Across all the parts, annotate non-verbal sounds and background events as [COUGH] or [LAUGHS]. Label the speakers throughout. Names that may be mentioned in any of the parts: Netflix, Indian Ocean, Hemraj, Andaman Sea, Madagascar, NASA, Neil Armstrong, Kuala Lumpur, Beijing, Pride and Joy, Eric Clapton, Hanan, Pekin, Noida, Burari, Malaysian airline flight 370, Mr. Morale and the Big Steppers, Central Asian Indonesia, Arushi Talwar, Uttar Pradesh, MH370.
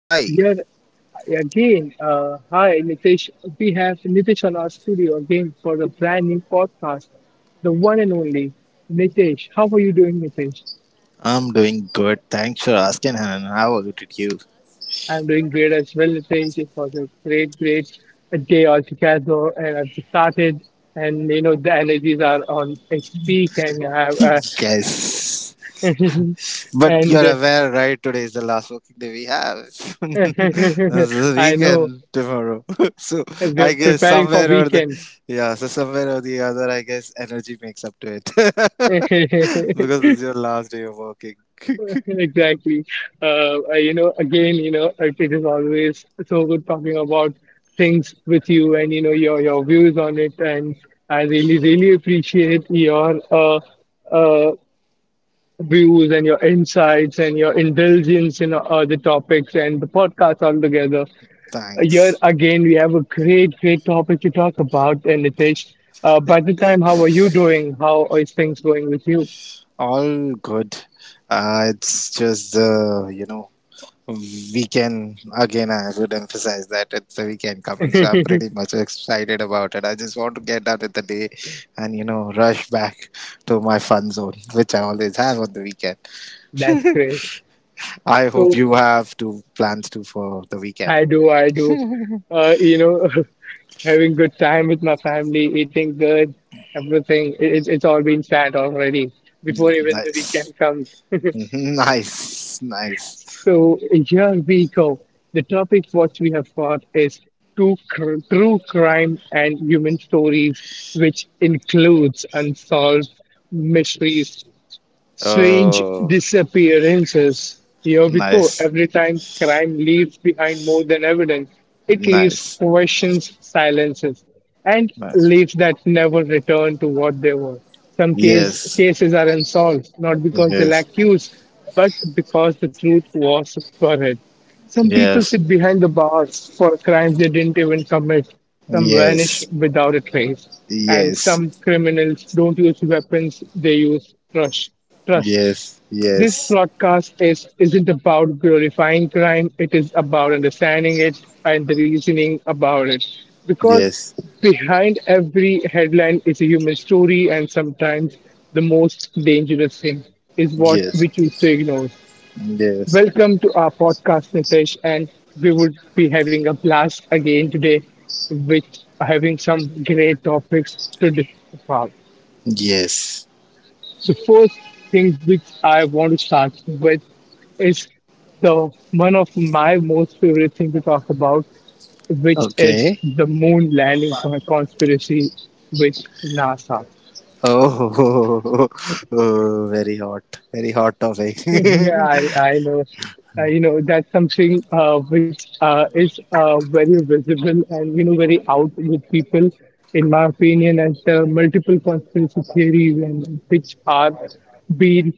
Speaker 1: Hi,
Speaker 2: Here again. Hi, Nitish. We have Nitish on our studio again for the brand new podcast. The one and only Nitish. How are you doing, Nitish?
Speaker 1: I'm doing good. Thanks for asking, Hanan. How was it with you?
Speaker 2: I'm doing great as well, Nitish. It was a great, great day altogether, and I've started. And you know the energies are on its peak, and I have,
Speaker 1: [LAUGHS] Yes.
Speaker 2: [LAUGHS]
Speaker 1: But
Speaker 2: and
Speaker 1: you're aware, right? Today is the last working day we have. [LAUGHS] This is the
Speaker 2: [LAUGHS] I know
Speaker 1: weekend tomorrow. [LAUGHS] So I
Speaker 2: we're
Speaker 1: guess
Speaker 2: preparing for
Speaker 1: somewhere or the
Speaker 2: weekend.
Speaker 1: yeah, so somewhere or the other, I guess energy makes up to it. [LAUGHS]
Speaker 2: [LAUGHS]
Speaker 1: Because this is your last day of working. [LAUGHS]
Speaker 2: Exactly. Again, it is always so good talking about things with you and, your views on it. And I really, really appreciate your uh, views and your insights and your indulgence in the topics and the podcast altogether. Here
Speaker 1: Thanks.
Speaker 2: again, we have a great, great topic to talk about. And Nitesh, by the time, how are you doing? How is things going with you?
Speaker 1: All good. It's just the weekend again. I would emphasize that it's a weekend coming, so I'm pretty
Speaker 2: [LAUGHS]
Speaker 1: much excited about it. I just want to get done with the day and rush back to my fun zone which I always have on the weekend.
Speaker 2: That's great.
Speaker 1: I hope
Speaker 2: So,
Speaker 1: you have two plans too for the weekend.
Speaker 2: I do, I do. Uh, you know, [LAUGHS] having good time with my family, eating good, everything. It's all been planned already before even the
Speaker 1: Nice. [LAUGHS]
Speaker 2: weekend comes. [LAUGHS]
Speaker 1: Mhm, nice, nice.
Speaker 2: So here we go. The topic what we have got is true crime and human stories, which includes unsolved mysteries, strange
Speaker 1: Oh,
Speaker 2: disappearances. Here we go.
Speaker 1: nice.
Speaker 2: Every time crime leaves behind more than evidence, it leaves
Speaker 1: Nice.
Speaker 2: questions, silences, and
Speaker 1: Nice.
Speaker 2: leaves that never return to what they were.
Speaker 1: Yes.
Speaker 2: Cases are unsolved, not because they
Speaker 1: Yes.
Speaker 2: lack use, but because the truth was buried. Some people
Speaker 1: Yes.
Speaker 2: sit behind the bars for crimes they didn't even commit. Some vanish
Speaker 1: Yes.
Speaker 2: without a trace. And
Speaker 1: Yes.
Speaker 2: some criminals don't use weapons, they use trust. Trust.
Speaker 1: Yes. Yes.
Speaker 2: Isn't about glorifying crime, it is about understanding it and the reasoning about it. Because
Speaker 1: Yes.
Speaker 2: behind every headline is a human story, and sometimes the most dangerous thing is what
Speaker 1: Yes.
Speaker 2: we choose to ignore.
Speaker 1: Yes.
Speaker 2: Welcome to our podcast, Nitesh, and we would be having a blast again today with having some great topics to discuss about.
Speaker 1: Yes.
Speaker 2: So, first thing which I want to start with is the one of my most favorite thing to talk about, which is
Speaker 1: Okay.
Speaker 2: the moon landing from a conspiracy with NASA.
Speaker 1: Oh, [LAUGHS] oh, very hot. Very hot topic.
Speaker 2: Yeah, I know. That's something which is very visible and, you know, very out with people, in my opinion, and the multiple conspiracy theories and which are being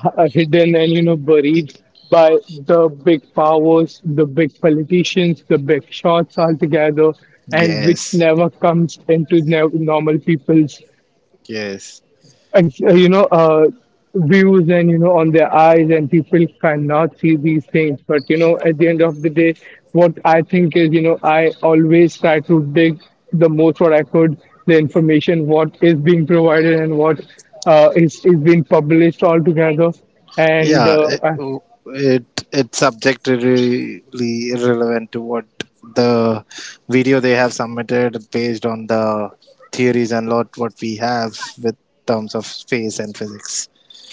Speaker 2: hidden and, you know, buried by the big powers, the big politicians, the big shots altogether,
Speaker 1: [LAUGHS]
Speaker 2: and which
Speaker 1: Yes.
Speaker 2: never comes into no normal people's
Speaker 1: Yes.
Speaker 2: and, views and you know on their eyes and people cannot see these things, but you know at the end of the day what I think is, you know, I always try to dig the most what I could, the information what is being provided and what is being published altogether and
Speaker 1: Yeah. Oh, It, it's subjectively irrelevant to what the video they have submitted based on the theories and lot what we have with terms of space and physics.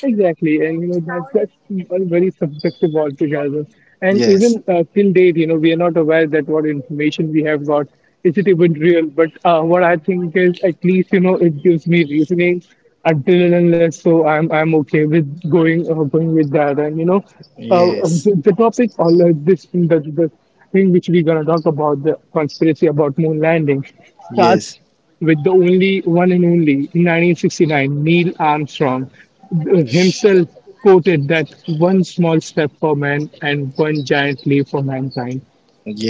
Speaker 2: exactly, and you know that that's all very subjective altogether. And
Speaker 1: Yes.
Speaker 2: even till date, you know, we are not aware that what information we have got, is it even real. But what I think is, at least you know, it gives me reasoning until and unless, so I'm okay with going going with that. And you know, uh,
Speaker 1: Yes.
Speaker 2: the topic or this the thing which we're gonna talk about, the conspiracy about moon landing, starts
Speaker 1: Yes.
Speaker 2: with the only one and only, in 1969, Neil Armstrong himself quoted that one small step for man and one giant leap for mankind.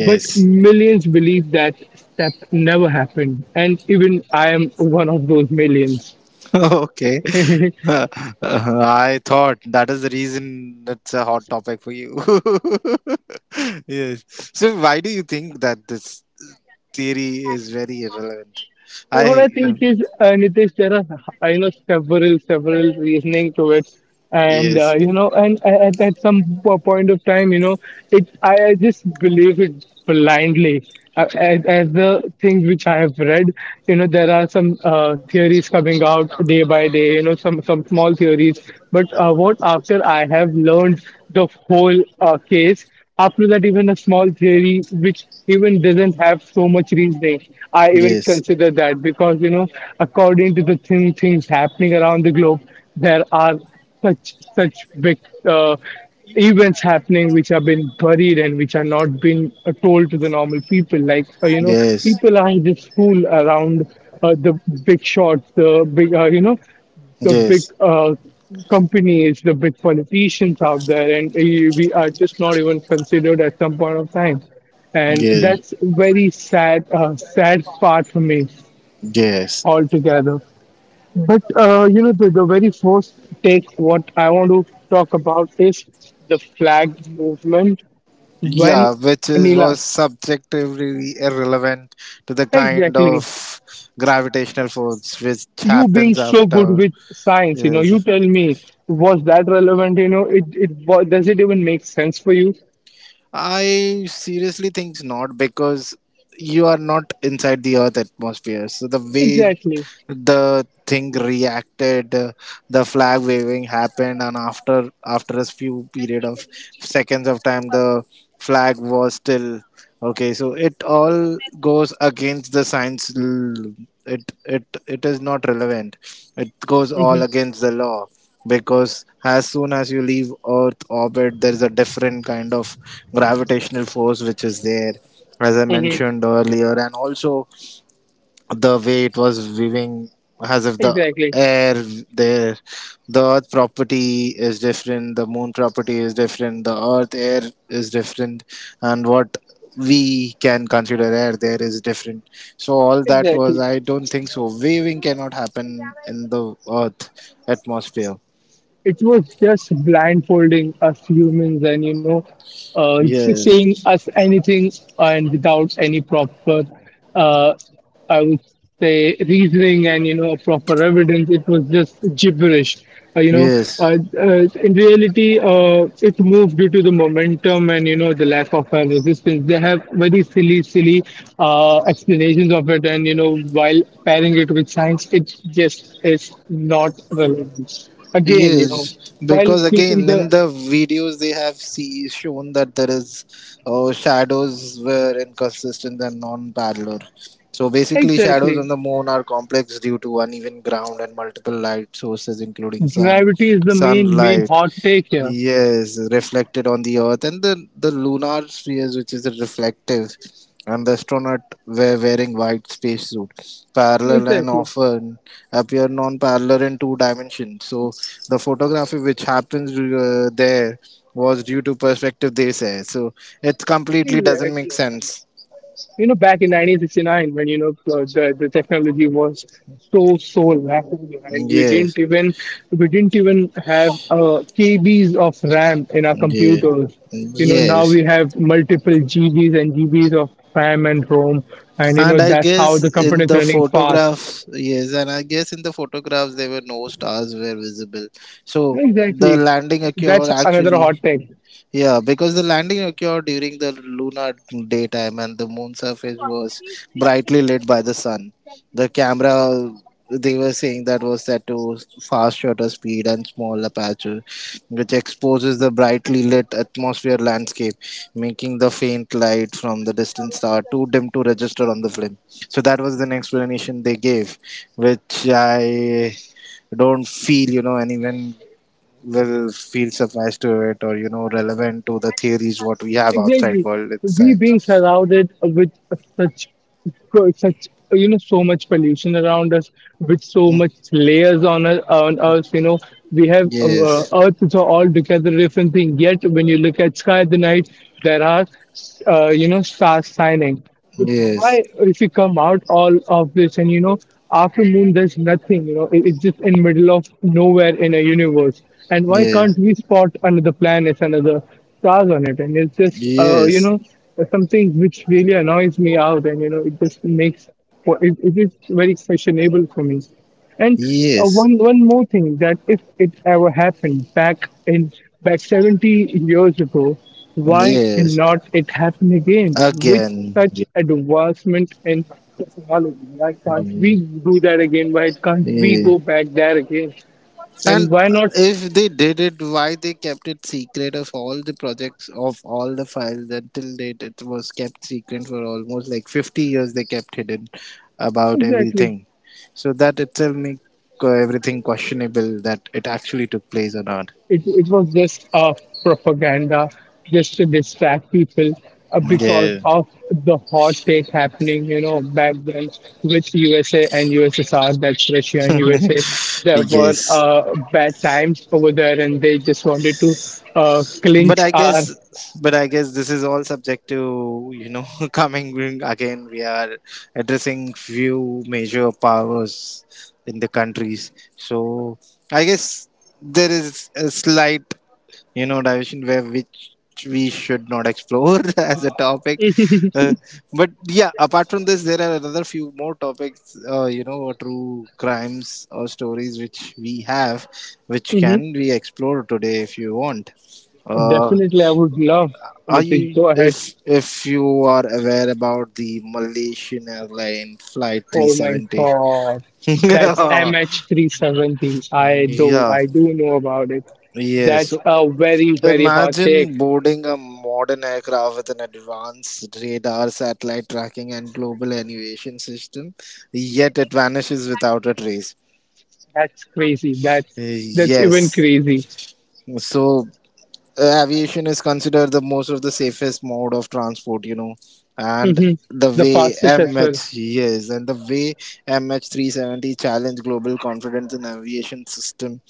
Speaker 2: But millions believe that step never happened, and even I am one of those millions.
Speaker 1: [LAUGHS] Okay. [LAUGHS]
Speaker 2: [LAUGHS]
Speaker 1: I thought that is the reason it's a hot topic for you. [LAUGHS] Yes. So why do you think that this theory is very irrelevant?
Speaker 2: What
Speaker 1: I
Speaker 2: I think is, Nitish, there are, I know, several several reasoning to it, and
Speaker 1: Yes,
Speaker 2: you know, and at point of time, you know, it, I just believe it blindly. As the things which I have read, you know, there are some theories coming out day by day. You know, some small theories, but what after I have learned the whole case. After that, even a small theory, which even doesn't have so much reasoning, I even
Speaker 1: yes,
Speaker 2: consider that because, you know, according to the thing, things happening around the globe, there are such such big uh, events happening which have been buried and which are not being told to the normal people. Like, you know,
Speaker 1: yes,
Speaker 2: people are just fool around the big shots, the big, you know, the big
Speaker 1: yes,
Speaker 2: companies, the big politicians out there, and we are just not even considered at some point of time. And
Speaker 1: yes,
Speaker 2: that's very sad, sad part for me
Speaker 1: yes.
Speaker 2: altogether. But you know, the very first take what I want to talk about is the flag movement. When
Speaker 1: Yeah, which is
Speaker 2: Anila,
Speaker 1: was subjectively irrelevant to the kind of
Speaker 2: exactly.
Speaker 1: gravitational force which
Speaker 2: You being
Speaker 1: happens
Speaker 2: so good
Speaker 1: after.
Speaker 2: with science, you know, you
Speaker 1: Yes.
Speaker 2: tell me, was that relevant? You know, it, does it even make sense for you?
Speaker 1: I seriously think not because you are not inside the Earth atmosphere. So the way
Speaker 2: Exactly.
Speaker 1: the thing reacted, the flag waving happened, and after a few period of seconds of time the flag was still okay, so it all goes against the science. It is not relevant. It goes
Speaker 2: Hmm.
Speaker 1: all against the law because as soon as you leave earth orbit there is a different kind of gravitational force which is there, as I
Speaker 2: Hmm.
Speaker 1: mentioned earlier. And also the way it was weaving, as if the
Speaker 2: Exactly.
Speaker 1: air there, the earth property is different, the moon property is different, the earth air is different, and what we can consider air there is different. So all that was,
Speaker 2: Exactly.
Speaker 1: I don't think so, waving cannot happen in the earth atmosphere.
Speaker 2: It was just blindfolding us humans, and you know, just
Speaker 1: Yes.
Speaker 2: saying us anything and without any proper uh, I would say reasoning and, you know, proper evidence. It was just gibberish, uh, you know
Speaker 1: Yes.
Speaker 2: in reality, it moved due to the momentum and, you know, the lack of resistance. They have very silly silly explanations of it, and you know, while pairing it with science, it just is not relevant. Again, you know,
Speaker 1: Yes,
Speaker 2: while
Speaker 1: because
Speaker 2: keeping
Speaker 1: again in
Speaker 2: the
Speaker 1: the videos they have shown that there is, shadows were inconsistent and non-parallel. So basically,
Speaker 2: exactly,
Speaker 1: shadows on the moon are complex due to uneven ground and multiple light sources, including sun,
Speaker 2: gravity is the main
Speaker 1: sunlight.
Speaker 2: hot take here.
Speaker 1: Yes, reflected on the Earth and the lunar spheres, which is reflective, and the astronaut were wearing white spacesuit. Parallel and
Speaker 2: Exactly.
Speaker 1: often appear non-parallel in two dimensions. So the photography which happens there was due to perspective they say. So it completely doesn't
Speaker 2: Exactly.
Speaker 1: make sense.
Speaker 2: You know, back in 1969, when you know, the technology was so rapid and we didn't
Speaker 1: Yes,
Speaker 2: even, we didn't even have KBs of RAM in our
Speaker 1: yeah,
Speaker 2: computers. You know, now
Speaker 1: yes.
Speaker 2: we have multiple GBs and GBs of RAM and ROM, and you
Speaker 1: And
Speaker 2: know
Speaker 1: I
Speaker 2: that's how
Speaker 1: guess
Speaker 2: the company
Speaker 1: in
Speaker 2: is
Speaker 1: the
Speaker 2: running fast.
Speaker 1: photograph, yes, and I guess in the photographs there were no stars were visible. So the
Speaker 2: Exactly.
Speaker 1: landing occurred
Speaker 2: That's another
Speaker 1: actually,
Speaker 2: hot take.
Speaker 1: yeah, because the landing occurred during the lunar daytime and the moon surface was brightly lit by the sun. The camera they were saying that was set to fast shutter speed and small aperture, which exposes the brightly lit atmosphere landscape, making the faint light from the distant star too dim to register on the film. So that was the explanation they gave, which I don't feel anyone will feel suffice to it or relevant to the theories what we have outside
Speaker 2: Exactly.
Speaker 1: world in
Speaker 2: We being
Speaker 1: science.
Speaker 2: surrounded with such, such you know, so much pollution around us, with so much layers on us, on us. You know, we have,
Speaker 1: Yes.
Speaker 2: Earth is all together different thing. Yet when you look at sky at the night, there are you know stars shining. But why,
Speaker 1: Yes.
Speaker 2: if you come out all of this and you know, after moon there's nothing, you know, it, it's just in middle of nowhere in a universe. And why
Speaker 1: Yes.
Speaker 2: can't we spot another planet, another stars on it? And it's just, you
Speaker 1: Yes.
Speaker 2: know, something which really annoys me out, and you know, it just makes it, it is very questionable for me. And
Speaker 1: Yes.
Speaker 2: one more thing, that if it ever happened back in, back 70 years ago, why
Speaker 1: Yes.
Speaker 2: cannot it happen again? With
Speaker 1: Again.
Speaker 2: such advancement in technology, why can't we
Speaker 1: Yes.
Speaker 2: do that again? Why can't we
Speaker 1: Yes.
Speaker 2: go back there again? And
Speaker 1: And
Speaker 2: why not?
Speaker 1: if they did it, why they kept it secret of all the projects of all the files until date? It was kept secret for almost like 50 years. They kept hidden about
Speaker 2: Exactly.
Speaker 1: everything, so that itself make, everything questionable that it actually took place or not.
Speaker 2: It was just propaganda just to distract people because
Speaker 1: Yeah.
Speaker 2: of the hot take happening, you know, back then with USA and USSR, that's Russia and USA. There were
Speaker 1: Yes.
Speaker 2: bad times over there and they just wanted to
Speaker 1: but
Speaker 2: clinch
Speaker 1: i guess
Speaker 2: our.
Speaker 1: but I guess this is all subject to [LAUGHS] coming again, we are addressing few major powers in the countries. So I guess there is a slight, division where which we should not explore [LAUGHS] as a topic. uh, but yeah, apart from this there are another few more topics, you know, true crimes or stories which we have, which
Speaker 2: Mhm.
Speaker 1: can be explored today if you want. uh,
Speaker 2: Definitely, I would love
Speaker 1: are
Speaker 2: anything.
Speaker 1: you,
Speaker 2: Go ahead.
Speaker 1: if you are aware about the Malaysian airline flight
Speaker 2: Oh my
Speaker 1: 370?
Speaker 2: God.
Speaker 1: [LAUGHS]
Speaker 2: That's
Speaker 1: Yeah,
Speaker 2: MH370. I do.
Speaker 1: yeah,
Speaker 2: I do know about it.
Speaker 1: yeah.
Speaker 2: That's
Speaker 1: So
Speaker 2: a very, very hot take.
Speaker 1: imagine boarding a modern aircraft with an advanced radar, satellite tracking, and global navigation system, yet it vanishes without a trace.
Speaker 2: That's crazy.
Speaker 1: Uh,
Speaker 2: That's even
Speaker 1: Yes.
Speaker 2: crazy.
Speaker 1: So aviation is considered the most of the safest mode of transport, you know. And
Speaker 2: Hmm.
Speaker 1: the
Speaker 2: The
Speaker 1: way,
Speaker 2: fastest as well.
Speaker 1: mh, yes, and the way MH370 challenged global confidence in aviation system.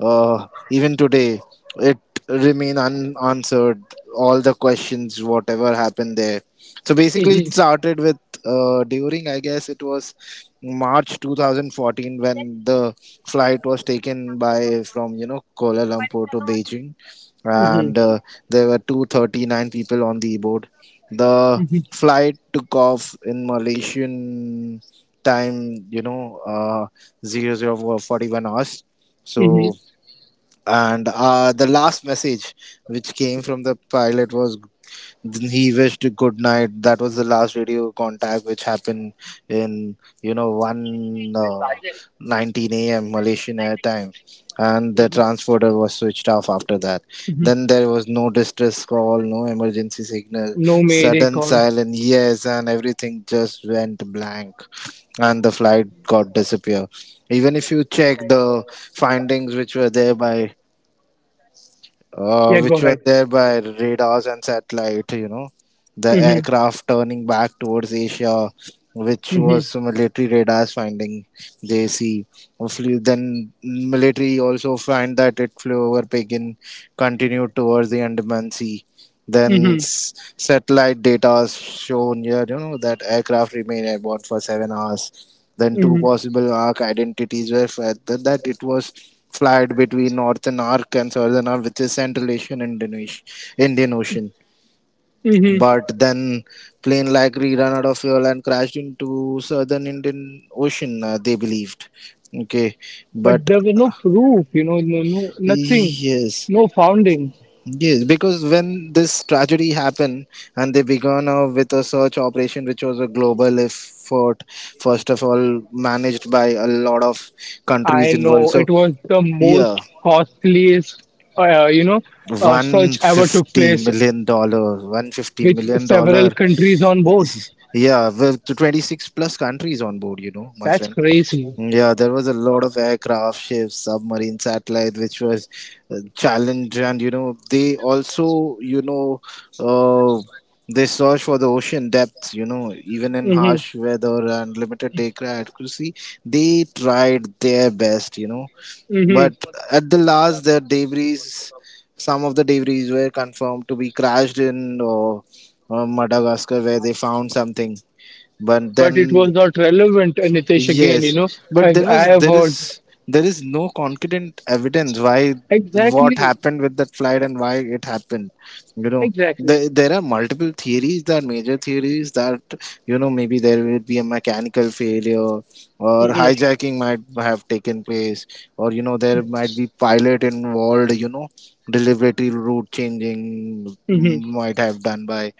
Speaker 1: uh, Even today it remain unanswered all the questions whatever happened there. So basically it
Speaker 2: Hmm.
Speaker 1: started with, during, I guess, it was march 2014 when the flight was taken by from kuala lumpur to beijing.
Speaker 2: Hmm.
Speaker 1: And There were 239 people on the board. The
Speaker 2: Hmm.
Speaker 1: flight took off in Malaysian time, you know, zero zero 0041 hours. So,
Speaker 2: Hmm.
Speaker 1: and the last message which came from the pilot was then he wished good night. That was the last radio contact which happened in, you know one 19 a.m. Malaysian airtime, and the
Speaker 2: Mhm,
Speaker 1: transporter was switched off after that.
Speaker 2: mhm.
Speaker 1: Then there was no distress call, no emergency signal,
Speaker 2: No Mayday
Speaker 1: sudden
Speaker 2: call.
Speaker 1: silence. Yes, and everything just went blank and the flight got disappear. Even if you check the findings which were there by,
Speaker 2: Yeah, go ahead.
Speaker 1: radars and satellite, you know, the
Speaker 2: Hmm.
Speaker 1: aircraft turning back towards Asia, which
Speaker 2: Hmm.
Speaker 1: was military radars finding they see. Then military also find that it flew over Pekin, continued towards the Andaman Sea. Then
Speaker 2: Hmm.
Speaker 1: s- satellite data shown here, you know, that aircraft remained airborne for 7 hours. Then two
Speaker 2: Hmm.
Speaker 1: possible arc identities were fed that it was flied between northern arc and southern arc, which is Central Asian Indonesia, Indian Ocean.
Speaker 2: Hmm.
Speaker 1: But then plane likely ran out of fuel and crashed into southern Indian Ocean. They believed. Okay,
Speaker 2: But
Speaker 1: but
Speaker 2: there was no proof, you know, no, no, nothing,
Speaker 1: yes,
Speaker 2: no founding.
Speaker 1: yes, because when this tragedy happened and they began, with a search operation, which was a global effort, first of all managed by a lot of
Speaker 2: I
Speaker 1: countries involved.
Speaker 2: know it
Speaker 1: So
Speaker 2: was the
Speaker 1: yeah,
Speaker 2: most costliest, you know,
Speaker 1: one
Speaker 2: search ever took
Speaker 1: fifty
Speaker 2: place
Speaker 1: million dollars, one fifty
Speaker 2: with
Speaker 1: million
Speaker 2: several
Speaker 1: dollar.
Speaker 2: countries on board.
Speaker 1: Yeah, with 26 plus countries on board. You know, my
Speaker 2: That's
Speaker 1: friend.
Speaker 2: crazy.
Speaker 1: Yeah, there was a lot of aircraft, ships, submarine, satellite, which was, challenged, and you know they also, you know, uh, they search for the ocean depths. You know, even in
Speaker 2: Hmm.
Speaker 1: harsh weather and limited aircraft accuracy, they tried their best. You know,
Speaker 2: Hmm.
Speaker 1: but at the last, the debris, some of the debris were confirmed to be crashed in, or Madagascar, where they found something. But
Speaker 2: But it
Speaker 1: then
Speaker 2: was not relevant, Nitesh, again, you
Speaker 1: yes,
Speaker 2: know.
Speaker 1: but there was
Speaker 2: I have
Speaker 1: there
Speaker 2: heard.
Speaker 1: is there is no concrete evidence why what
Speaker 2: Exactly.
Speaker 1: happened with that flight and why it happened. You know,
Speaker 2: Exactly.
Speaker 1: there are multiple theories. There are major theories that maybe there will be a mechanical failure or
Speaker 2: Hmm.
Speaker 1: hijacking might have taken place, or you know there might be pilot involved. You know, deliberately route changing
Speaker 2: Hmm.
Speaker 1: might have done by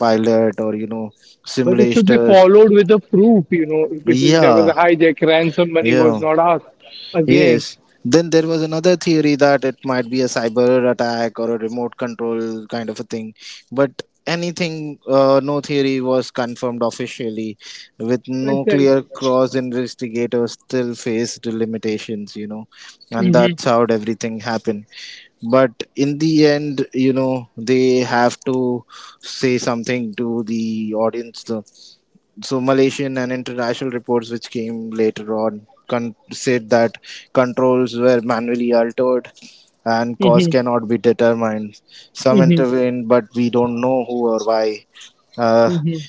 Speaker 1: pilot or you know
Speaker 2: But it should be
Speaker 1: simulators.
Speaker 2: followed with a proof, you know. If there was a
Speaker 1: Yeah,
Speaker 2: hijack, ransom money was
Speaker 1: yeah.
Speaker 2: not asked. Again.
Speaker 1: Yes. Then there was another theory that it might be a cyber attack or a remote control kind of a thing. But anything, no theory was confirmed officially, with no clear
Speaker 2: Exactly.
Speaker 1: cross investigators still faced limitations, you know. And
Speaker 2: Hmm.
Speaker 1: that's how everything happened. But in the end, you know, they have to say something to the audience. So Malaysian and international reports which came later on said that controls were manually altered and cause
Speaker 2: Hmm.
Speaker 1: cannot be determined. Some
Speaker 2: Hmm.
Speaker 1: intervened, but we don't know who or why. Uh,
Speaker 2: Hmm.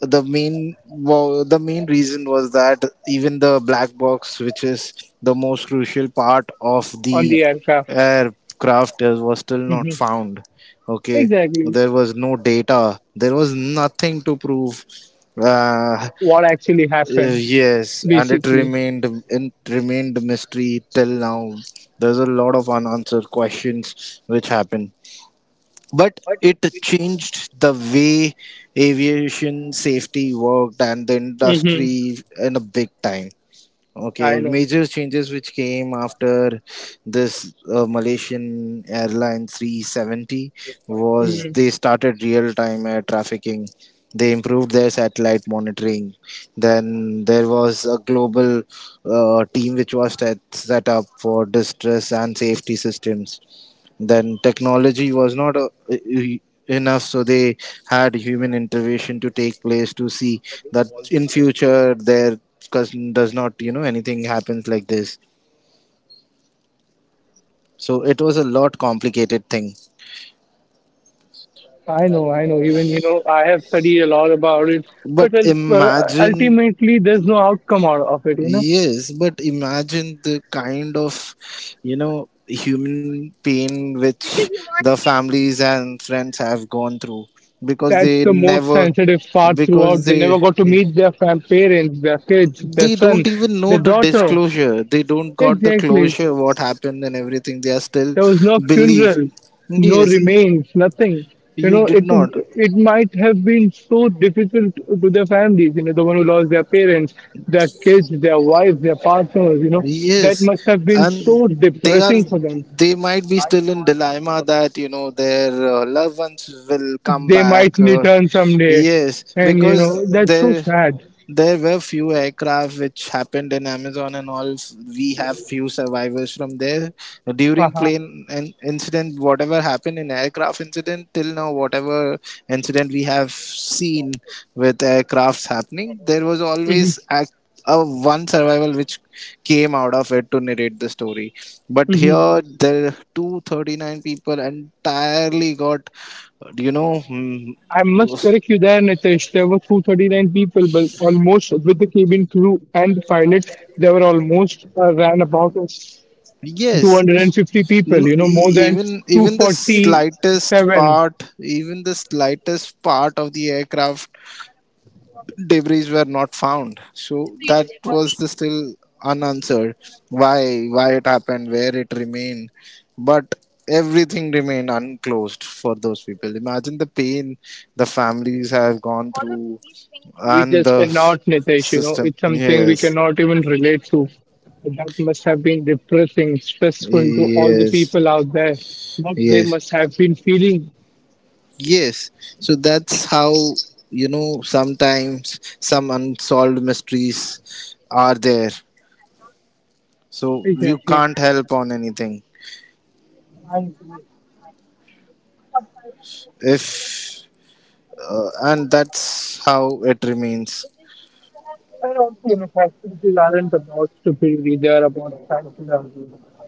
Speaker 1: the main reason was that even the black box, which is the most crucial part of
Speaker 2: On
Speaker 1: the
Speaker 2: the aircraft.
Speaker 1: aircraft, was still not
Speaker 2: Hmm.
Speaker 1: found. Okay,
Speaker 2: Exactly.
Speaker 1: there was no data. There was nothing to prove. Uh,
Speaker 2: What actually happened,
Speaker 1: yes, and it
Speaker 2: basically.
Speaker 1: remained mystery till now. There's a lot of unanswered questions which happen, but it changed the way aviation safety worked and the
Speaker 2: Hmm.
Speaker 1: industry in a big time.
Speaker 2: I
Speaker 1: Okay,
Speaker 2: know.
Speaker 1: major changes which came after this, Malaysian airline 370 was
Speaker 2: Mm-hmm.
Speaker 1: they started real time air trafficking. They improved their satellite monitoring. Then there was a global, team which was set up for distress and safety systems. Then technology was not enough, so they had human intervention to take place to see that in future there does not you know anything happens like this. So it was a lot complicated thing.
Speaker 2: I know, I know. Even, you know, I have studied a lot about it,
Speaker 1: But
Speaker 2: but
Speaker 1: imagine,
Speaker 2: ultimately, there's no outcome out of it, you know.
Speaker 1: yes, but imagine the kind of, you know, human pain which the families and friends have gone through because
Speaker 2: That's
Speaker 1: they
Speaker 2: the most
Speaker 1: never,
Speaker 2: sensitive part
Speaker 1: because
Speaker 2: throughout. They
Speaker 1: they,
Speaker 2: never got to meet their parents, their kids, their
Speaker 1: they
Speaker 2: son,
Speaker 1: don't even know
Speaker 2: their
Speaker 1: the
Speaker 2: daughter.
Speaker 1: disclosure, they don't got the
Speaker 2: Exactly.
Speaker 1: closure what happened, and everything they are still
Speaker 2: There was no
Speaker 1: believe.
Speaker 2: funeral, no
Speaker 1: Yes.
Speaker 2: remains, nothing. You
Speaker 1: You
Speaker 2: know,
Speaker 1: did
Speaker 2: it
Speaker 1: not.
Speaker 2: it might have been so difficult to their families, you know, the one who lost their parents, their kids, their wives, their partners, you know, that
Speaker 1: Yes,
Speaker 2: must have been
Speaker 1: and
Speaker 2: so
Speaker 1: they are,
Speaker 2: depressing for them,
Speaker 1: they might be still in dilemma that, you know, their loved ones will come
Speaker 2: they might
Speaker 1: back. Or
Speaker 2: return someday.
Speaker 1: yes,
Speaker 2: And you
Speaker 1: because
Speaker 2: know, that's so
Speaker 1: there
Speaker 2: sad.
Speaker 1: there were few aircraft which happened in Amazon and all. We have few survivors from there. During
Speaker 2: Uh-huh.
Speaker 1: plane incident, whatever happened in aircraft incident till now, whatever incident we have seen with aircrafts happening, there was
Speaker 2: Hmm.
Speaker 1: always act, a one survival which came out of it to narrate the story. But
Speaker 2: Hmm.
Speaker 1: here, there 239 people entirely got, you know,
Speaker 2: I must correct you there, Nitesh. There were 239 people, but almost with the cabin crew and the pilot, there were almost ran about us
Speaker 1: yes.
Speaker 2: 250 people,
Speaker 1: No,
Speaker 2: you know, more than
Speaker 1: even the
Speaker 2: 247.
Speaker 1: slightest part, even the slightest part of the aircraft debris were not found. So that was the still unanswered. Why it happened, where it remained, but everything remained unclosed for those people. Imagine the pain the families have gone through
Speaker 2: We
Speaker 1: and
Speaker 2: just
Speaker 1: the
Speaker 2: cannot, Nitesh, you know,
Speaker 1: system.
Speaker 2: it's something we
Speaker 1: Yes,
Speaker 2: cannot even relate to. That must have been depressing, stressful to all the
Speaker 1: yes,
Speaker 2: people out there. What they
Speaker 1: yes.
Speaker 2: must have been feeling.
Speaker 1: Yes, so that's how, you know, sometimes some unsolved mysteries are there. So you
Speaker 2: Exactly.
Speaker 1: can't help on anything if and that's how it remains.
Speaker 2: And also, you know, hospitals aren't about stupidity, they're about psychology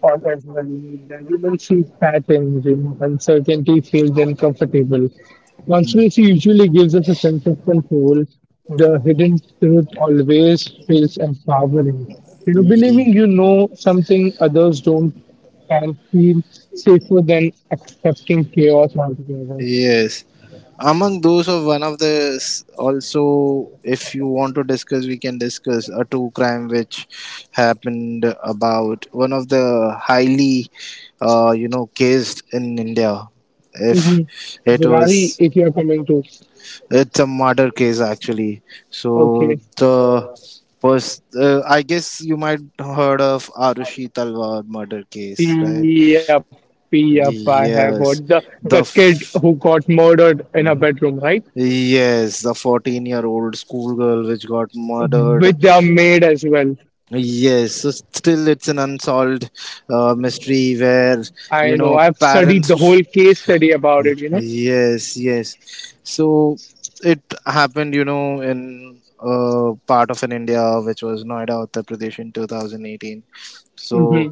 Speaker 2: or as well. The human see patterns, you know, uncertainty feels uncomfortable. Conspiracy usually gives us a sense of control. The hidden truth always feels empowering. You know, believing
Speaker 1: Ye-
Speaker 2: you know something others don't and feel safer than accepting chaos altogether.
Speaker 1: Yes. Among those of one of the also, if you want to discuss, we can discuss a true crime which happened about one of the highly, you know, cased in India.
Speaker 2: Mm-hmm.
Speaker 1: If it
Speaker 2: Durari,
Speaker 1: was,
Speaker 2: if you are coming to,
Speaker 1: it's a murder case actually.
Speaker 2: okay,
Speaker 1: So the I guess you might heard of Arushi Talwar murder case, right?
Speaker 2: yep, yep, I have heard the
Speaker 1: Yes,
Speaker 2: the
Speaker 1: the
Speaker 2: kid who got murdered in her bedroom, right?
Speaker 1: Yes, the 14-year-old schoolgirl which got murdered.
Speaker 2: With their maid as well.
Speaker 1: Yes, so still it's an unsolved mystery where,
Speaker 2: I
Speaker 1: you
Speaker 2: know.
Speaker 1: know,
Speaker 2: I've studied the whole
Speaker 1: parents.
Speaker 2: case study about it. You know.
Speaker 1: Yes, yes. So it happened, you know, in part of an India, which was Noida, Uttar Pradesh, in 2018.
Speaker 2: Mm-hmm.
Speaker 1: So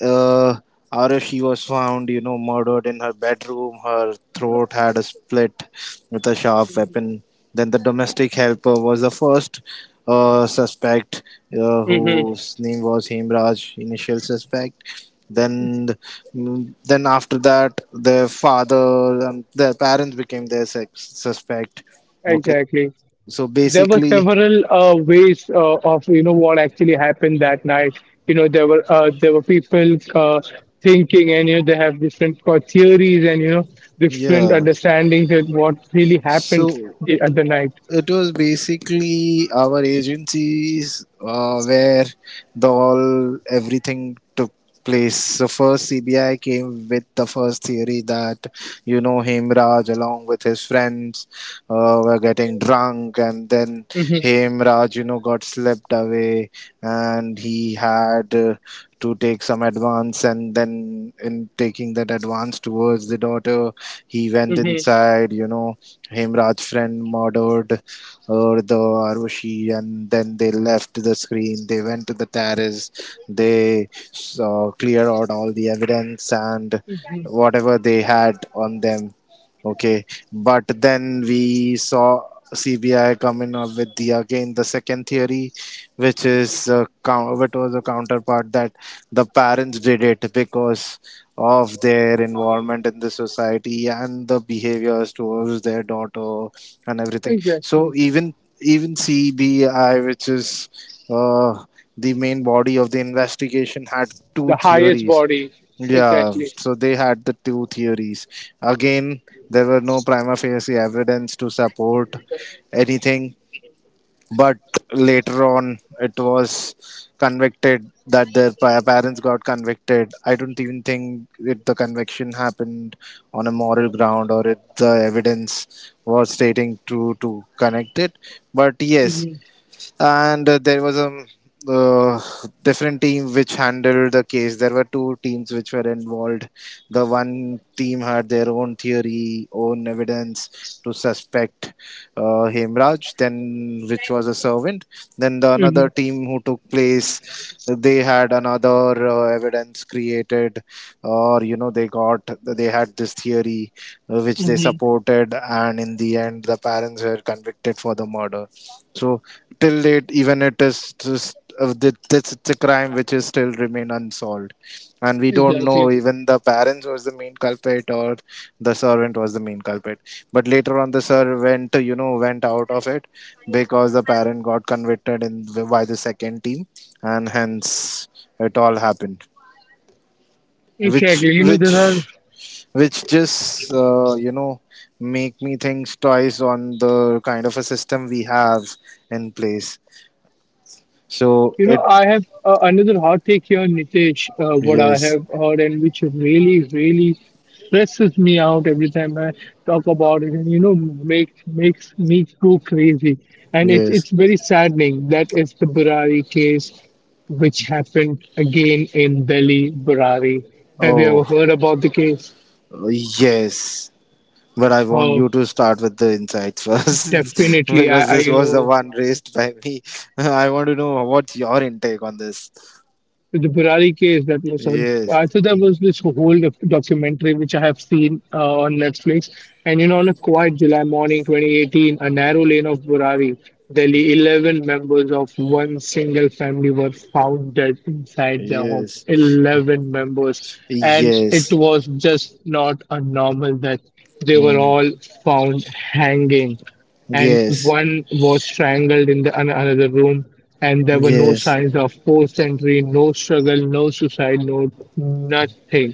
Speaker 1: uh, Arav, she was found, you know, murdered in her bedroom. Her throat had a split with a sharp weapon. Then the domestic helper was the first suspect,
Speaker 2: Mm-hmm.
Speaker 1: whose name was Hemraj, initial suspect. then then after that their father and their parents became their sex suspect. Okay,
Speaker 2: Exactly.
Speaker 1: so
Speaker 2: There were
Speaker 1: basically,
Speaker 2: several ways of, you know, what actually happened that night. You know, there were people thinking, and you know they have different theories and you know different
Speaker 1: yeah,
Speaker 2: understandings of what really happened
Speaker 1: so
Speaker 2: the other night.
Speaker 1: it was basically our agencies, where the all everything took place. So first CBI came with the first theory that, you know, Hemraj along with his friends were getting drunk, and then
Speaker 2: Hmm.
Speaker 1: Hemraj, you know, got slipped away, and he had to take some advance, and then in taking that advance towards the daughter, he went
Speaker 2: Hmm.
Speaker 1: inside, you know, Himraj's friend murdered or the Arushi, and then they left the screen, they went to the terrace, they cleared out all the evidence and
Speaker 2: Hmm.
Speaker 1: whatever they had on them. Okay, but then we saw CBI coming up with the again the second theory, which is a which was a counterpart, that the parents did it because of their involvement in the society and the behaviors towards their daughter and everything. So
Speaker 2: Exactly,
Speaker 1: even even CBI, which is uh, the main body of the investigation, had two
Speaker 2: the highest
Speaker 1: theories.
Speaker 2: body.
Speaker 1: Yeah,
Speaker 2: Exactly.
Speaker 1: so they had the two theories. Again, there were no prima facie evidence to support anything, but later on it was convicted that their parents got convicted. I don't even think it, the conviction happened on a moral ground, or it, the evidence was stating to connect it, but yes.
Speaker 2: Hmm.
Speaker 1: And there was a uh, different team which handled the case. There were two teams which were involved. The one team had their own theory, own evidence to suspect Hemraj, then which was a servant. Then the
Speaker 2: Hmm.
Speaker 1: another team who took place, they had another evidence created, or, you know, they got they had this theory which they
Speaker 2: Hmm.
Speaker 1: supported, and in the end the parents were convicted for the murder. So till date, even it is just that's it's a crime which is still remain unsolved, and we don't
Speaker 2: Exactly.
Speaker 1: know even the parents was the main culprit or the servant was the main culprit. But later on, the servant, you know, went out of it because the parent got convicted in by the second team, and hence it all happened.
Speaker 2: Exactly.
Speaker 1: Which which which just you know make me think twice on the kind of a system we have in place. So
Speaker 2: You
Speaker 1: it,
Speaker 2: know, I have another hot take here, Nitesh, what I
Speaker 1: yes,
Speaker 2: have heard and which really, really stresses me out every time I talk about it and, you know, makes me go crazy. And it's
Speaker 1: yes.
Speaker 2: it's very saddening. That is the Burari case, which happened again in Delhi, Burari. Have you ever
Speaker 1: Oh,
Speaker 2: heard about the case?
Speaker 1: yes. But I want
Speaker 2: Oh,
Speaker 1: you to start with the insights first [LAUGHS]
Speaker 2: definitely.
Speaker 1: because
Speaker 2: I
Speaker 1: this
Speaker 2: you
Speaker 1: was the
Speaker 2: know
Speaker 1: one raised by me. [LAUGHS] I want to know what's your intake on this.
Speaker 2: the Burari case that was on.
Speaker 1: Yes,
Speaker 2: I think there was this whole documentary which I have seen on Netflix. And you know, on a quiet July morning, 2018, a narrow lane of Burari, Delhi, 11 members of one single family were found dead inside their home.
Speaker 1: yes,
Speaker 2: 11 members. And it
Speaker 1: yes.
Speaker 2: was just not a normal death. They were
Speaker 1: Hmm.
Speaker 2: all found hanging and
Speaker 1: Yes,
Speaker 2: one was strangled in the, another room, and there were no
Speaker 1: yes,
Speaker 2: signs of forced entry, no struggle, no suicide, no nothing.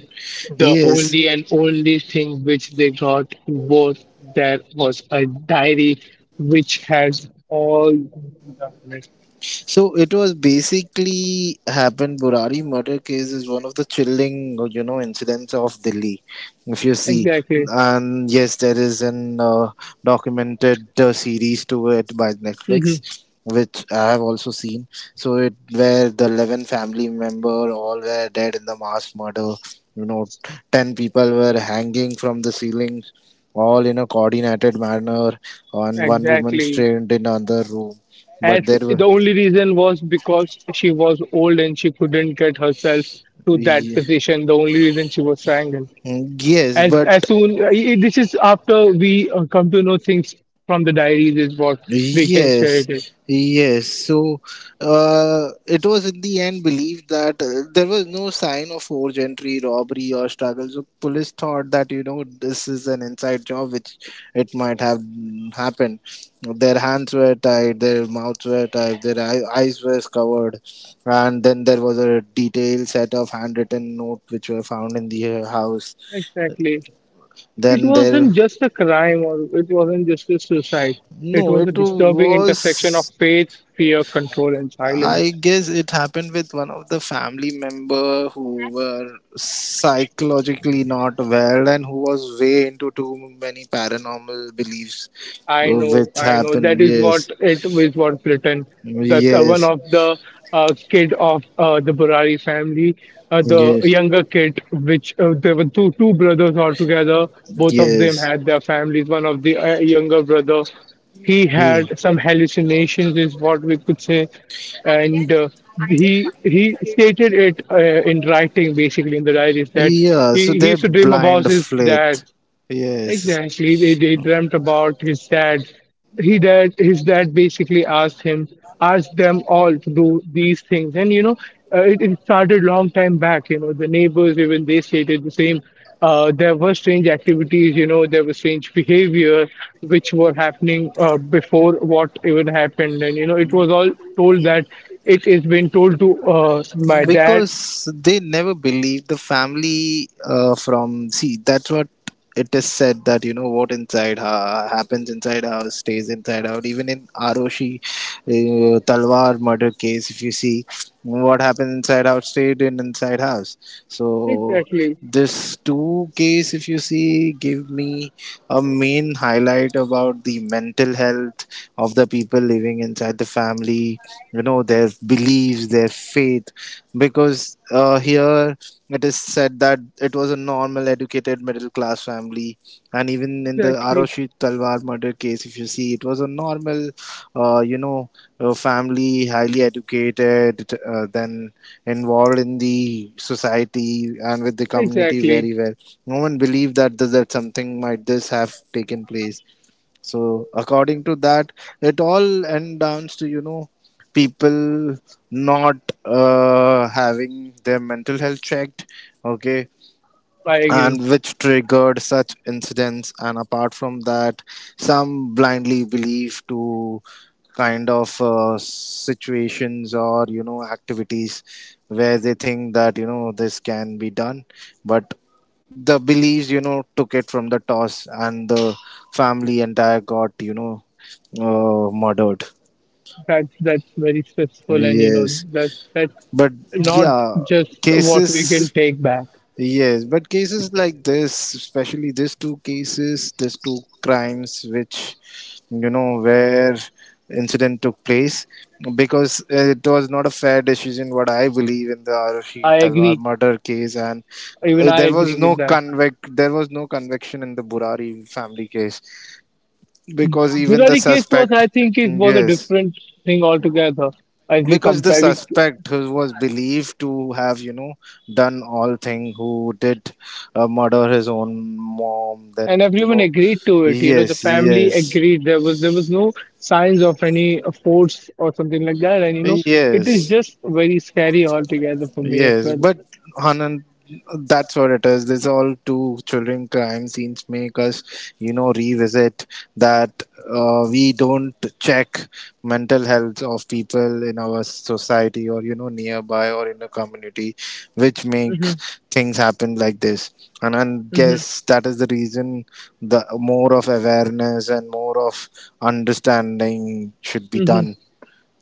Speaker 2: The
Speaker 1: yes.
Speaker 2: only and only thing which they got was there was a diary which has all the documents.
Speaker 1: So it was basically happened. Burari murder case is one of the chilling, you know, incidents of Delhi. If you see,
Speaker 2: Exactly.
Speaker 1: and yes, there is an documented series to it by
Speaker 2: Hmm.
Speaker 1: Netflix, which I have also seen. So it where the 11 family member all were dead in the mass murder. You know, ten people were hanging from the ceilings, all in a coordinated manner, and one woman
Speaker 2: Exactly,
Speaker 1: strained in another room. But
Speaker 2: as
Speaker 1: there
Speaker 2: the
Speaker 1: were
Speaker 2: only reason was because she was old and she couldn't get herself to that
Speaker 1: Ye-
Speaker 2: position, the only reason she was strangled.
Speaker 1: Yes,
Speaker 2: as
Speaker 1: but
Speaker 2: as soon this is after we come to know things from the diaries is what we can share it
Speaker 1: yes,
Speaker 2: with.
Speaker 1: yes. So, it was in the end believed that there was no sign of forged entry, robbery, or struggle. So, police thought that, you know, this is an inside job, which it might have happened. Their hands were tied, their mouths were tied, their eyes were covered, and then there was a detailed set of handwritten note which were found in the house.
Speaker 2: Exactly, it
Speaker 1: Then there,
Speaker 2: wasn't just a crime, or it wasn't just a suicide, it
Speaker 1: no,
Speaker 2: was a
Speaker 1: it
Speaker 2: disturbing intersection of
Speaker 1: was.
Speaker 2: faith, fear, control and
Speaker 1: I
Speaker 2: silence.
Speaker 1: guess it happened with one of the family member who were psychologically not well and who was way into too many paranormal beliefs
Speaker 2: I know,
Speaker 1: which
Speaker 2: I know.
Speaker 1: happened.
Speaker 2: That is what
Speaker 1: Yes,
Speaker 2: it is. What's written. The one
Speaker 1: yes,
Speaker 2: of the kid of the Burari family, the
Speaker 1: yes,
Speaker 2: younger kid, which there were two brothers altogether. Both of them
Speaker 1: yes,
Speaker 2: had their families. One of the younger brother, he
Speaker 1: yeah,
Speaker 2: had some hallucinations, is what we could say, and he stated it in writing, basically in the diaries that
Speaker 1: yeah.
Speaker 2: he,
Speaker 1: So
Speaker 2: he
Speaker 1: they're
Speaker 2: used to dream about
Speaker 1: blind
Speaker 2: his dad.
Speaker 1: faith. Yes,
Speaker 2: Exactly. They dreamt about his dad. His dad basically asked him, asked them all to do these things. And you know, it started long time back. You know, the neighbors even they stated the same. There were strange activities. You know, there was strange behavior which were happening before what even happened. And you know, it was all told that it is been told to my dad.
Speaker 1: because they never believe the family from see, that's what it is said that, you know, what inside happens inside house stays inside out, even in Aroshi Talwar murder case, if you see, what happens inside out stayed in inside house. So
Speaker 2: Exactly.
Speaker 1: this two case, if you see, give me a main highlight about the mental health of the people living inside the family, you know, their beliefs, their faith, because here it is said that it was a normal, educated middle class family, and even in the
Speaker 2: Exactly.
Speaker 1: Aroshi Talwar murder case, if you see, it was a normal, you know, family, highly educated, then involved in the society and with the community
Speaker 2: Exactly.
Speaker 1: very well. No one believed that that something might this have taken place. So according to that, it all end down to, you know, people not having their mental health checked. Okay,
Speaker 2: I agree.
Speaker 1: and which triggered such incidents, and apart from that some blindly believe to kind of situations or, you know, activities where they think that, you know, this can be done, but the beliefs, you know, took it from the toss, and the family entire got, you know, murdered.
Speaker 2: That's very stressful, and you know
Speaker 1: Yes,
Speaker 2: that that's
Speaker 1: but
Speaker 2: not
Speaker 1: yeah,
Speaker 2: just what we
Speaker 1: cases.
Speaker 2: can take back.
Speaker 1: Yes, but cases like this, especially these two cases, these two crimes, which, you know, where incident took place, because it was not a fair decision. What I believe in the Arushi
Speaker 2: I
Speaker 1: Talwar
Speaker 2: agree.
Speaker 1: murder case, and
Speaker 2: Even I
Speaker 1: there
Speaker 2: agree
Speaker 1: was no
Speaker 2: with that.
Speaker 1: convict, there was no conviction in the Burari family case, because even the
Speaker 2: Case was, I
Speaker 1: suspect,
Speaker 2: think, it was a
Speaker 1: yes,
Speaker 2: different thing altogether. As we
Speaker 1: because the
Speaker 2: compare, we,
Speaker 1: suspect who was believed to have, you know, done all thing, who did murder his own mom,
Speaker 2: and
Speaker 1: then, you
Speaker 2: everyone
Speaker 1: know,
Speaker 2: agreed to it. You know, the
Speaker 1: yes,
Speaker 2: family
Speaker 1: yes,
Speaker 2: agreed. There was no signs of any force or something like that. And you know, it is
Speaker 1: yes.
Speaker 2: just very scary altogether for me as
Speaker 1: Yes,
Speaker 2: well.
Speaker 1: but Anand, that's what it is. This all two children crime scenes make us, you know, revisit that we don't check mental health of people in our society or, you know, nearby or in the community, which
Speaker 2: Hmm.
Speaker 1: makes things happen like this. And I
Speaker 2: Hmm.
Speaker 1: guess that is the reason the more of awareness and more of understanding should be
Speaker 2: Hmm.
Speaker 1: done.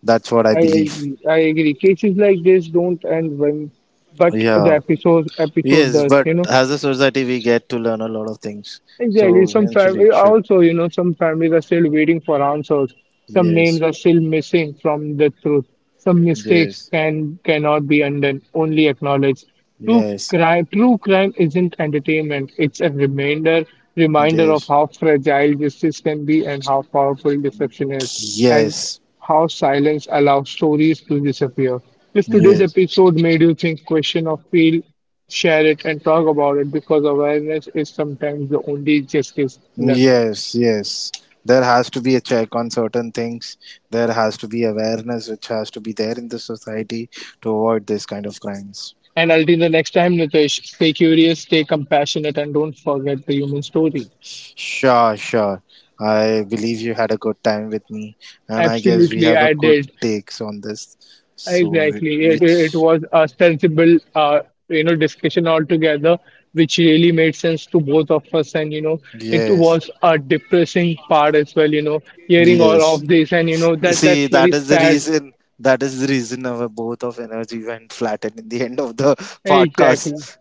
Speaker 1: That's what I
Speaker 2: I
Speaker 1: believe.
Speaker 2: I agree. Cases like this don't end when, but the
Speaker 1: Yeah.
Speaker 2: episode
Speaker 1: Yes,
Speaker 2: does.
Speaker 1: but
Speaker 2: You know,
Speaker 1: as a society, we get to learn a lot of things.
Speaker 2: exactly,
Speaker 1: So
Speaker 2: some
Speaker 1: eventually,
Speaker 2: family
Speaker 1: it should.
Speaker 2: also, you know, some families are still waiting for answers. Some
Speaker 1: Yes,
Speaker 2: names are still missing from the truth. Some mistakes
Speaker 1: yes,
Speaker 2: can cannot be undone, only acknowledged. True
Speaker 1: yes,
Speaker 2: true crime isn't entertainment. It's a reminder of
Speaker 1: yes,
Speaker 2: how fragile justice can be and how powerful deception is, and
Speaker 1: yes,
Speaker 2: how silence allows stories to disappear. If today's
Speaker 1: yes,
Speaker 2: episode made you think, question, or feel, share it and talk about it because awareness is sometimes the only justice left.
Speaker 1: yes, yes. There has to be a check on certain things. There has to be awareness which has to be there in the society to avoid this kind of crimes.
Speaker 2: And until the next time, Nitesh, stay curious, stay compassionate, and don't forget the human story.
Speaker 1: Sure, sure. I believe you had a good time with me, and I guess we
Speaker 2: Absolutely,
Speaker 1: have a
Speaker 2: I
Speaker 1: good
Speaker 2: did.
Speaker 1: takes on this. So,
Speaker 2: Exactly. It
Speaker 1: which,
Speaker 2: was a sensible, you know, discussion altogether, which really made sense to both of us. And, you know, it
Speaker 1: yes.
Speaker 2: was a depressing part as well, you know, hearing all
Speaker 1: Yes.
Speaker 2: of this. And, you know, that
Speaker 1: See,
Speaker 2: that's very
Speaker 1: that is the
Speaker 2: sad.
Speaker 1: reason. That is the reason our both of energy went flattened in the end of the
Speaker 2: Exactly.
Speaker 1: podcast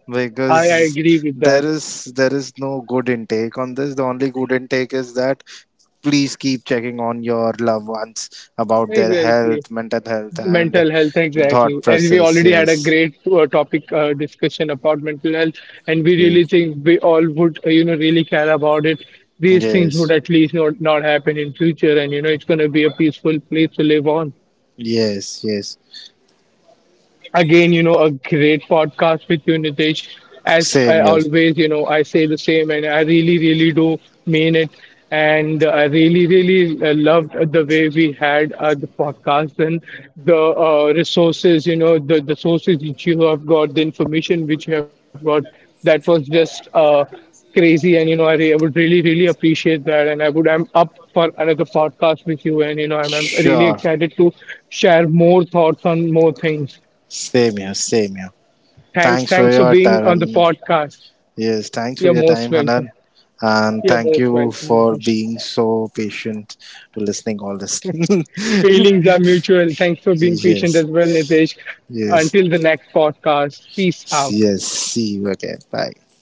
Speaker 2: I
Speaker 1: because
Speaker 2: agree with that.
Speaker 1: there is no good intake on this. The only good intake is that please keep checking on your loved ones about their
Speaker 2: Exactly.
Speaker 1: health, mental health, and
Speaker 2: Mental health, exactly.
Speaker 1: thought
Speaker 2: And we
Speaker 1: process.
Speaker 2: already had a
Speaker 1: Yes.
Speaker 2: great topic discussion about mental health, and we really
Speaker 1: Yes.
Speaker 2: think we all would, you know, really care about it. These things would
Speaker 1: Yes.
Speaker 2: at least not happen in future, and you know, it's going to be a peaceful place to live on.
Speaker 1: Yes. Yes.
Speaker 2: Again, you know, a great podcast with you, Nitesh. As I
Speaker 1: Same here.
Speaker 2: always, you know, I say the same, and I really, really do mean it. And I really, really loved the way we had the podcast and the resources, you know, the sources which you have got, the information which you have got. That was just crazy. And, you know, I would really, really appreciate that. And I would, I'm up for another podcast with you. And, you know, I'm really
Speaker 1: Sure.
Speaker 2: excited to share more thoughts on more things.
Speaker 1: Same here. Same here.
Speaker 2: Thanks,
Speaker 1: Thanks for
Speaker 2: thanks for
Speaker 1: your
Speaker 2: being on the
Speaker 1: time.
Speaker 2: podcast.
Speaker 1: Yes, thanks for
Speaker 2: You're
Speaker 1: your
Speaker 2: most
Speaker 1: time,
Speaker 2: welcome.
Speaker 1: Hanan. And
Speaker 2: You're
Speaker 1: thank
Speaker 2: most
Speaker 1: you
Speaker 2: welcome,
Speaker 1: for
Speaker 2: Nitesh.
Speaker 1: being so patient to listening all this. [LAUGHS] yes,
Speaker 2: Feelings are mutual. Thanks for being patient as well, Nitesh.
Speaker 1: yes,
Speaker 2: Until the next podcast, peace out.
Speaker 1: yes. See you again. Bye.